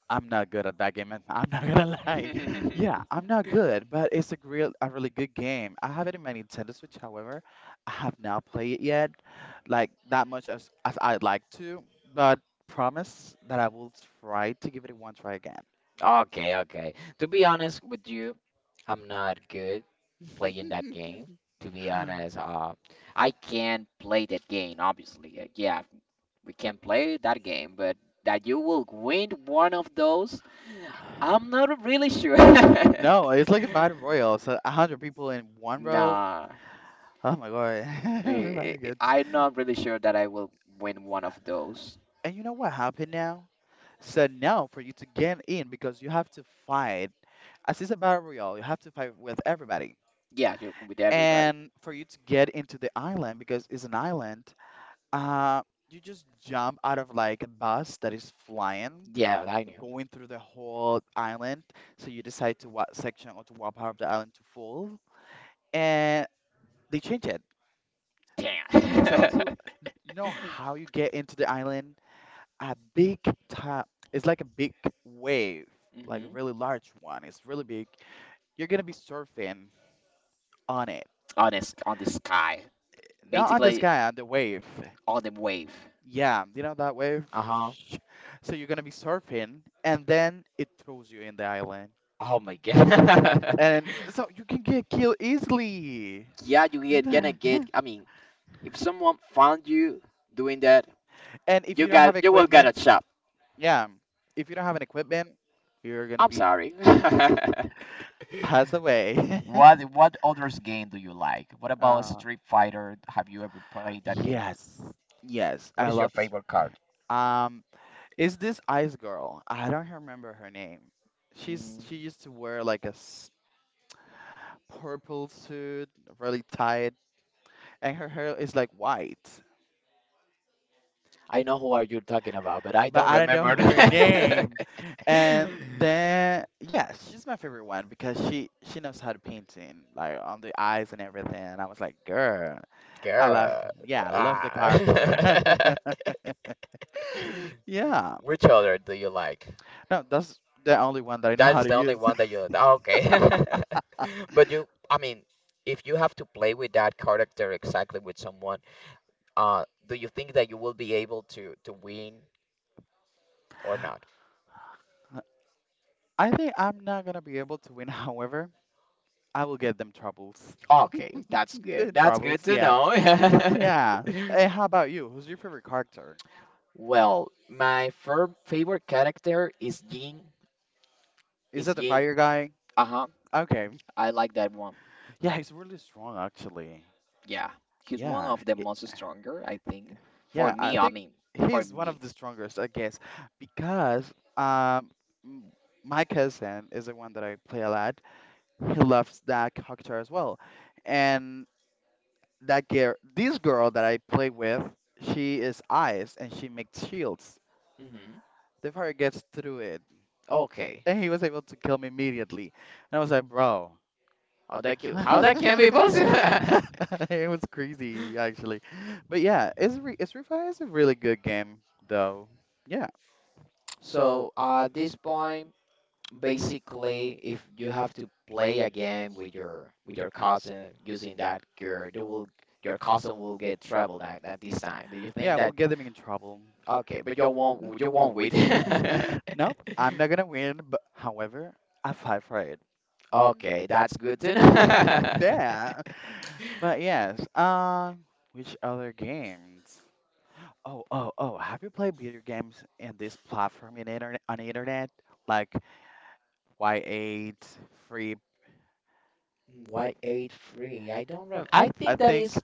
B: I'm not good at that game, man. (laughs) I'm not gonna (laughs) lie. Yeah, I'm not good, but it's a really good game. I have it in my Nintendo Switch, however, I have not played it yet, like that much as I'd like to, but promise that I will try to give it a one try again.
A: Okay, okay. To be honest with you, I'm not good playing that game. To be honest, I can play that game, obviously. Yeah, we can play that game, but that you will win one of those, I'm not really sure. (laughs)
B: No, it's like a battle royale, so a hundred people in one row.
A: Nah,
B: Oh my God, (laughs)
A: eh, eh,
B: everybody gets.
A: I'm not really sure that I will win one of those.
B: And you know what happened now? So now for you to get in, because you have to fight, as it's a battle royale, you have to fight with everybody.
A: Yeah, you with everybody.
B: And for you to get into the island, because it's an island, uh, you just jump out of like a bus that is flying,
A: Yeah, I knew.
B: going through the whole island. So you decide to what section or to what part of the island to fall, and they change it. So,
A: Damn.
B: so
A: (laughs)
B: you know how you get into the island? A big top, it's like a big wave, like a
A: Hmm.
B: really large one. It's really big. You're gonna be surfing on it,
A: On this, on the sky,
B: not on the
A: basically
B: sky, on the wave.
A: on the wave.
B: Yeah, you know that wave.
A: Uh huh.
B: (sniffs) So you're gonna be surfing, and then it throws you in the island,
A: Oh my god.
B: and
A: (laughs)
B: so you can get killed easily.
A: Yeah, you
B: (laughs)
A: get gonna get. I mean, if someone found you doing that,
B: And if
A: you
B: you don't have
A: got you will get
B: equipment,
A: a
B: yeah, if you don't have an equipment, you're gonna
A: I'm
B: be
A: sorry. (laughs)
B: passed away. (laughs)
A: What others game do you like? What about
B: Uh,
A: Street Fighter? Have you ever played that game?
B: yes, yes,
A: What
B: I
A: is your
B: love stream.
A: favorite card?
B: Um, is this Ice Girl? I don't remember her name. She's
A: Mm,
B: she used to wear like a s- purple suit, really tight, and her hair is like white,
A: I know who are you talking about, but I
B: but
A: don't
B: I don't know (laughs)
A: remember.
B: her
A: (laughs)
B: name. And then yeah, she's my favorite one because she knows how to painting like on the eyes and everything. And I was like, girl, I love
A: Girl,
B: yeah, I love the character. (laughs)
A: ah.
B: Yeah,
A: (laughs) Which other do you like?
B: no, that's the only one that I know
A: That
B: how
A: is
B: to
A: the only
B: use.
A: one that you. Ah, okay. (laughs) But you, I mean, if you have to play with that character exactly with someone, do you think that you will be able to win or not?
B: (laughs) I think I'm not gonna be able to win. (laughs) However, I will get them troubles.
A: Okay, that's
B: (laughs)
A: good.
B: The
A: That's good
B: troubles,
A: to
B: yeah,
A: know.
B: yeah.
A: (laughs)
B: Hey, how about you? Who's your favorite character?
A: Well, my favorite character is Jin.
B: Is
A: Is
B: that the
A: Jin?
B: fire guy?
A: Uh-huh.
B: Okay,
A: I like that one.
B: yeah, he's really strong actually.
A: Yeah, he's one
B: Yeah,
A: of the
B: it,
A: most stronger, I think. For
B: yeah, I
A: me, I
B: think
A: mean, for
B: he's one of
A: me.
B: the strongest, I guess, because m- my cousin is the one that I play a lot. He loves that character as well. And that girl, this girl that I play with, she is ice and she makes shields.
A: Hmm.
B: The fire gets through it.
A: Okay.
B: And he was able to kill me immediately. And I was like, bro.
A: How that can, how that
B: (laughs)
A: can be possible? (laughs)
B: (laughs) It was crazy actually, but yeah, it's Isrify is a really good game though. Yeah,
A: So at this point, basically if you have to play a game with your cousin using that gear, they will your cousin will get troubled at this time, do you think
B: yeah,
A: that?
B: we'll get them in trouble.
A: Okay, but you won't win. (laughs)
B: Nope, I'm not gonna win, but however, I fight for it. Mm,
A: okay, that's good to know.
B: yeah,
A: (laughs)
B: but yes. Which other games? Oh, oh, oh! Have you played video games in this platform in internet on the internet like Y8, Free?
A: Y8 Free, I don't remember. I
B: I
A: think that
B: think.
A: is...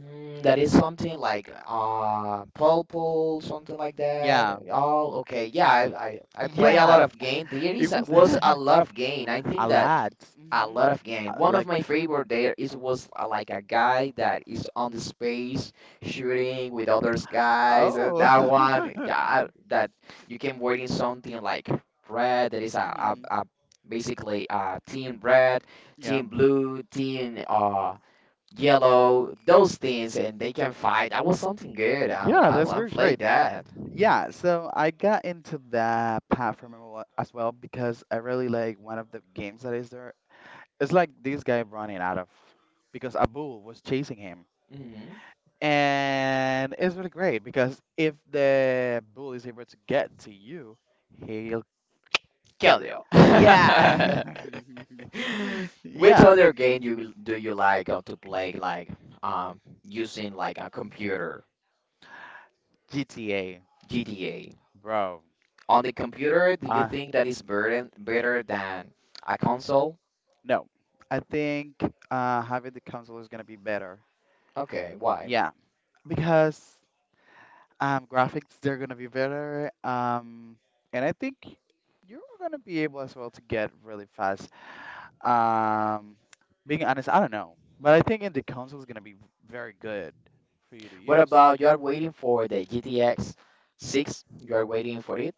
A: that is something like purple, something like that.
B: Yeah,
A: Oh, okay, yeah, I play a
B: yeah.
A: lot of game. There
B: It
A: is a,
B: was
A: was a lot of game, I
B: (laughs)
A: think
B: a
A: that.
B: lot.
A: A
B: Mhm.
A: lot of game. One of
B: Like
A: my favorite there is was like a guy that is on the space shooting with other guys. That
B: oh,
A: one
B: (laughs)
A: that you can word in something like red. That is a basically team red,
B: yeah,
A: team blue, team yellow. Those things, and they can fight. That was something good. I
B: yeah,
A: I,
B: that's
A: I
B: very
A: played
B: great.
A: that.
B: Yeah, so I got into that platform a lot as well because I really like one of the games that is there. It's like this guy running out of because a bull was chasing him,
A: Mm-hmm.
B: and it's really great because if the bull is able to get to you, he'll
A: Kill you.
B: yeah,
A: (laughs)
B: (laughs)
A: (laughs) Which
B: yeah,
A: other game you do you like, to play, like, um using like a computer?
B: GTA,
A: GTA?
B: bro.
A: On the computer, do you
B: Uh,
A: think that is better than a console?
B: no, I think having the console is gonna be better.
A: Okay, why?
B: Yeah, because graphics they're gonna be better. And I think you're gonna be able as well to get really fast. Um, Being honest, I don't know, but I think in the console is gonna be very good for you to
A: What
B: use.
A: about, you are waiting for the GTX 6? You are waiting for it?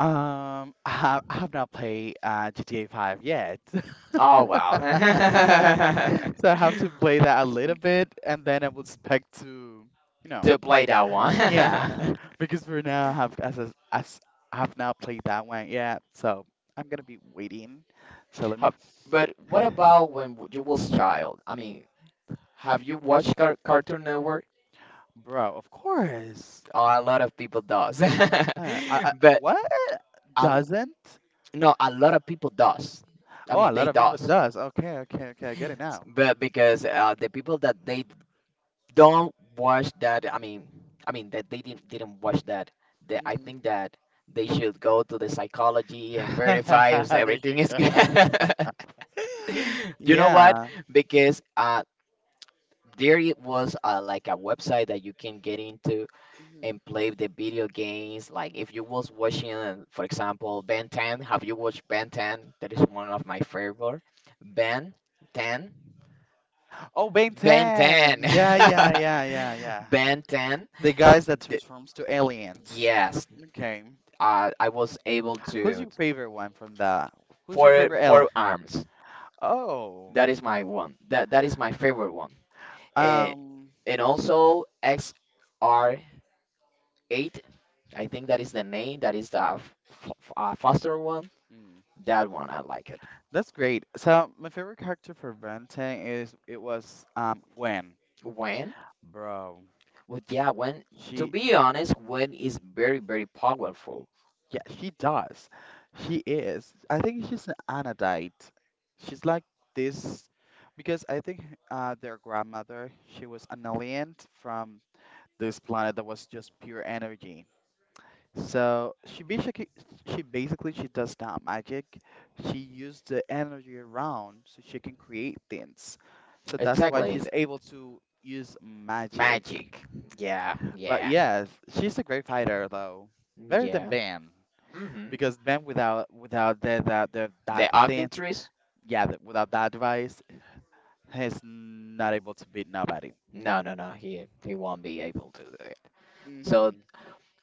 B: I have not played GTA 5 yet, (laughs)
A: Oh, wow. (laughs)
B: so I have to play that a little bit, and then I would expect to, you know,
A: To play that one.
B: yeah,
A: (laughs)
B: (laughs) because for now I have I have not played that one yet, so I'm gonna be waiting. So let me,
A: Have- But what about when you was child? I mean, have you watched Cartoon Network?
B: bro. Of course.
A: Oh, a lot of people does, (laughs) but
B: What
A: a,
B: doesn't?
A: no, a lot of people does. I
B: Oh, a
A: mean, they
B: lot of people
A: does,
B: does. Okay, okay, okay. I get it now.
A: but because the people that they don't watch that, I mean, that they didn't watch that, that I think that they should go to the psychology and verify if
B: (laughs) There
A: everything
B: you
A: is
B: go.
A: good.
B: (laughs)
A: (laughs) You know what?
B: Yeah.
A: Because there it was like a website that you can get into and play the video games. Like, if you was watching, for example, Ben 10. Have you watched Ben 10? That is one of my favorite. Ben 10.
B: Oh, Ben
A: Ben
B: 10.
A: 10.
B: Yeah, yeah, yeah, yeah,
A: (laughs)
B: yeah.
A: Ben 10.
B: The guys that
A: The-
B: transforms to aliens.
A: yes,
B: Okay.
A: I was able
B: Who's
A: to...
B: your favorite one from that? Who's your
A: four
B: favorite alien?
A: four arms.
B: Oh.
A: That is my one. That is my favorite one. And
B: Um,
A: and also XR8, I think that is the name. That is the f- faster one.
B: hmm,
A: That one I like it.
B: that's great. So my favorite character for Benten is it was Gwen,
A: When?
B: bro.
A: But yeah, when, to
B: She,
A: be
B: sh-
A: honest, when is very, very powerful.
B: yeah, she does. She is. I think she's an Anodite. She's like this because I think their grandmother she was an alien from this planet that was just pure energy. So she basically she does not magic. She used the energy around so she can create things. So that's why
A: Exactly,
B: she's
A: the
B: able to use magic.
A: magic. Yeah,
B: But
A: yeah,
B: yes, she's a great fighter though. Better than
A: yeah.
B: Bam.
A: Hmm.
B: Because Bam without the
A: The
B: that thing,
A: Ognitrix?
B: yeah, without that device, he's not able to beat nobody.
A: No, no, no. He won't be able to do it. So,
B: Hmm.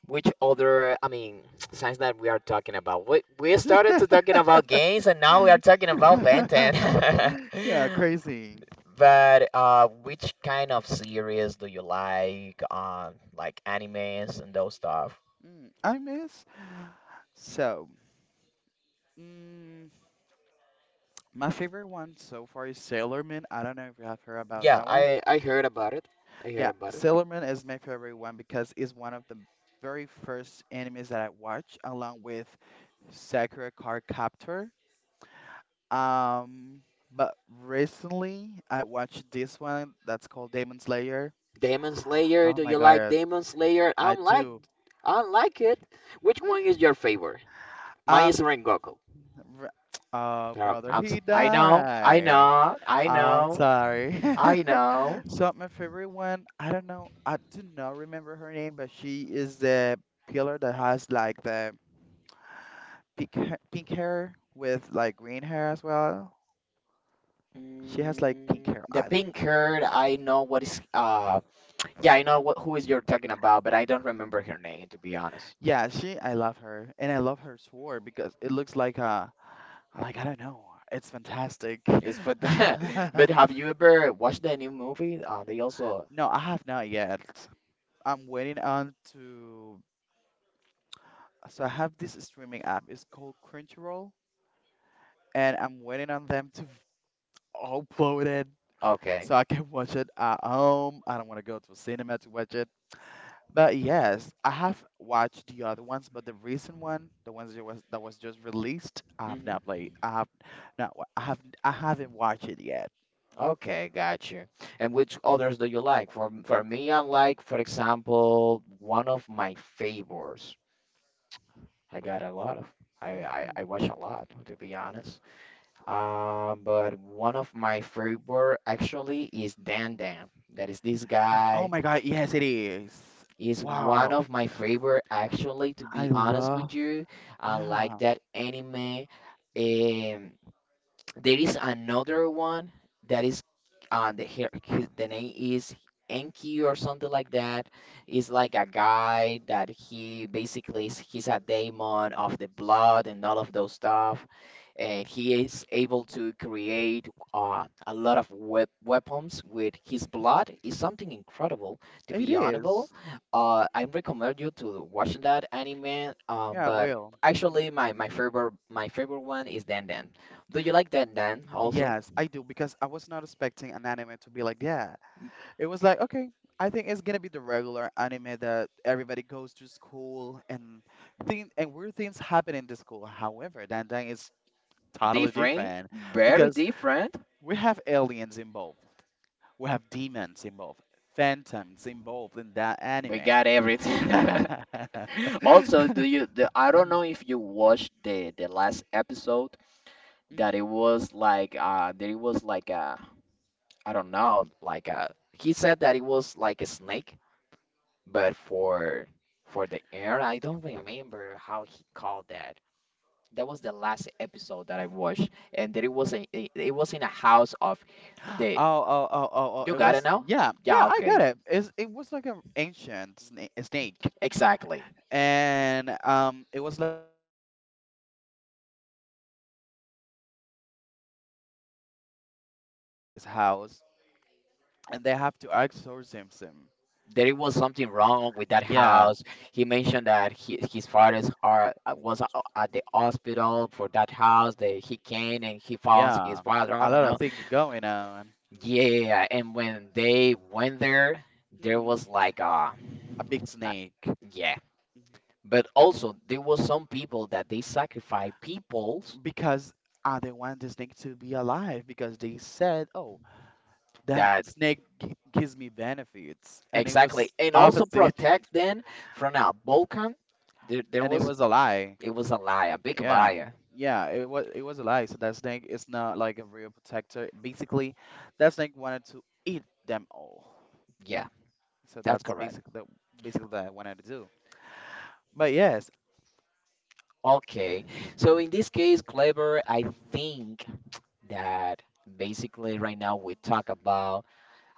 A: which other? I mean, (tsk) signs that we are talking about. We started to talking about games, and now we are talking about Benton.
B: (laughs) Yeah,
A: (laughs)
B: crazy.
A: But which kind of series do you like? Like animes and those stuff.
B: Mm, I miss so. Mm, my favorite one so far is Sailor Moon. I don't know if you have heard about
A: Yeah,
B: that one.
A: I heard about it. I
B: Yeah,
A: heard about it.
B: Sailor Moon is my favorite one because it's one of the very first animes that I watched, along with Sakura Card Captor. Um, but recently I watched this one that's called Demon Slayer.
A: Demon Slayer,
B: Oh
A: do
B: my
A: you like
B: god,
A: Demon Slayer? I
B: I
A: don't like
B: do.
A: I don't like it. Which one is your favorite? Mine is
B: Um,
A: Rengoku.
B: r- oh brother, he
A: I know, I
B: died.
A: know, I
B: I'm
A: know,
B: sorry. (laughs)
A: I know.
B: So my favorite one, I don't know, I do not remember her name, but she is the pillar that has like the pink hair with like green hair as well. She has like pink hair.
A: The pink hair, I know what is yeah, I know what, who is you're talking about, but I don't remember her name, to be honest.
B: Yeah, she, I love her, and I love her sword because it looks like a like I don't know, it's fantastic.
A: It's for that. (laughs) But
B: (laughs)
A: have you ever watched the new movie? They also...
B: No, I have not yet. I'm waiting on to. So I have this streaming app. It's called Crunchyroll, and I'm waiting on them to upload it
A: Okay.
B: so I can (laughs) watch it at home. I don't want to go to a cinema to watch it. But yes, I have watched the other ones, but the recent one, the ones that was just released, I have not
A: Mm-hmm.
B: played. I have not. Wa- I have. I haven't watched it yet.
A: Okay, got you. And which others do you like? For me, I like, for example, one of my favorites. I got a lot of. I, I,
B: Mhm.
A: I watch a lot, to be honest. But one of my favorite actually is Dan Dan. That is this
B: Oh
A: guy.
B: my God! Yes, it is.
A: Is one
B: Wow!
A: of my favorite actually, to
B: I
A: be honest
B: love.
A: with you. I like
B: Yeah,
A: that anime. Um. There is another one that is the his, the name is Enki or something like that. It's like a guy that he's a daemon of the blood and all of those stuff, and he is able to create a lot of weapons with his blood. It's something incredible, to
B: it
A: be honorable.
B: is.
A: I recommend you to watch that anime.
B: Yeah, I
A: But
B: will.
A: actually, my favorite one is Dan Dan. Do you like that, Dan, also?
B: Yes, I do because I was not expecting an anime to be like that. It was like, okay, I think it's gonna be the regular anime that everybody goes to school and thing and weird things happen in the school. However, Dandan is totally
A: Different,
B: different
A: very
B: because
A: different.
B: we have aliens involved, we have demons involved, phantoms involved in that
A: We
B: anime.
A: got everything. (laughs)
B: (laughs)
A: Also, I don't know if you watched the last episode, that
B: Mhm.
A: it was like I don't know, like he said that it was like a snake, but for the air. I don't remember how he called that. That was the last episode that I watched, and that it was it was in a house of...
B: Oh,
A: the
B: oh, oh, oh, oh,
A: You
B: it
A: got it
B: was,
A: now?
B: yeah, yeah,
A: Yeah,
B: I
A: okay.
B: got it. It's, it was like an ancient snake.
A: Exactly.
B: And it was like no in their city. It was like countryside, so they travel to this guy's house and they have to exorcism him.
A: There was something wrong with that
B: Yeah,
A: house. He mentioned that his fathers are was a- at the hospital for that house, that he came and he found his
B: yeah,
A: father. I
B: a
A: don't
B: lot
A: know.
B: of things going on.
A: Yeah, and when they went there, there was like,
B: A big
A: uh,
B: snake
A: yeah. But also, there was some people that they sacrifice peoples
B: because they want the snake to be alive because they said, oh, that
A: that
B: snake gives me benefits, and it
A: exactly,
B: was
A: and also
B: opposite,
A: protect them from a volcano. There
B: and it
A: was
B: was a lie.
A: It was a lie, a big
B: Yeah,
A: liar.
B: yeah, it was a lie. So that snake is not like a real protector. Basically, that snake wanted to eat them all.
A: Yeah,
B: So
A: that's
B: that's
A: correct.
B: basically basically what I wanted to do. But yes,
A: Okay. So in this case, Clever, I think that basically right now we talk about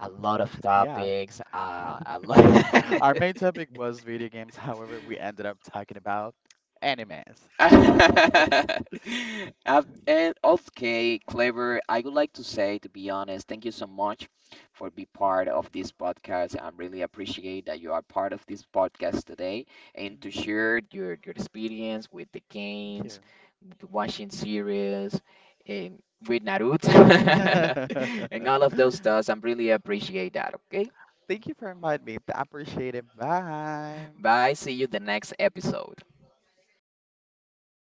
A: a lot of
B: yeah,
A: topics, a lot. (laughs)
B: (laughs) our main topic was video games. However, we ended up talking about animes.
A: (laughs) And okay, Clever, I would like to say, to be honest, thank you so much for being part of this podcast. I really appreciate that you are part of this podcast today, and to share your experience with the
B: Thank
A: games,
B: you.
A: with watching series, and with Naruto, (laughs) and
B: (laughs)
A: all of those stuff. I am really appreciate that. Okay,
B: Thank you for inviting me. I appreciate it. Bye.
A: bye. See you the next episode.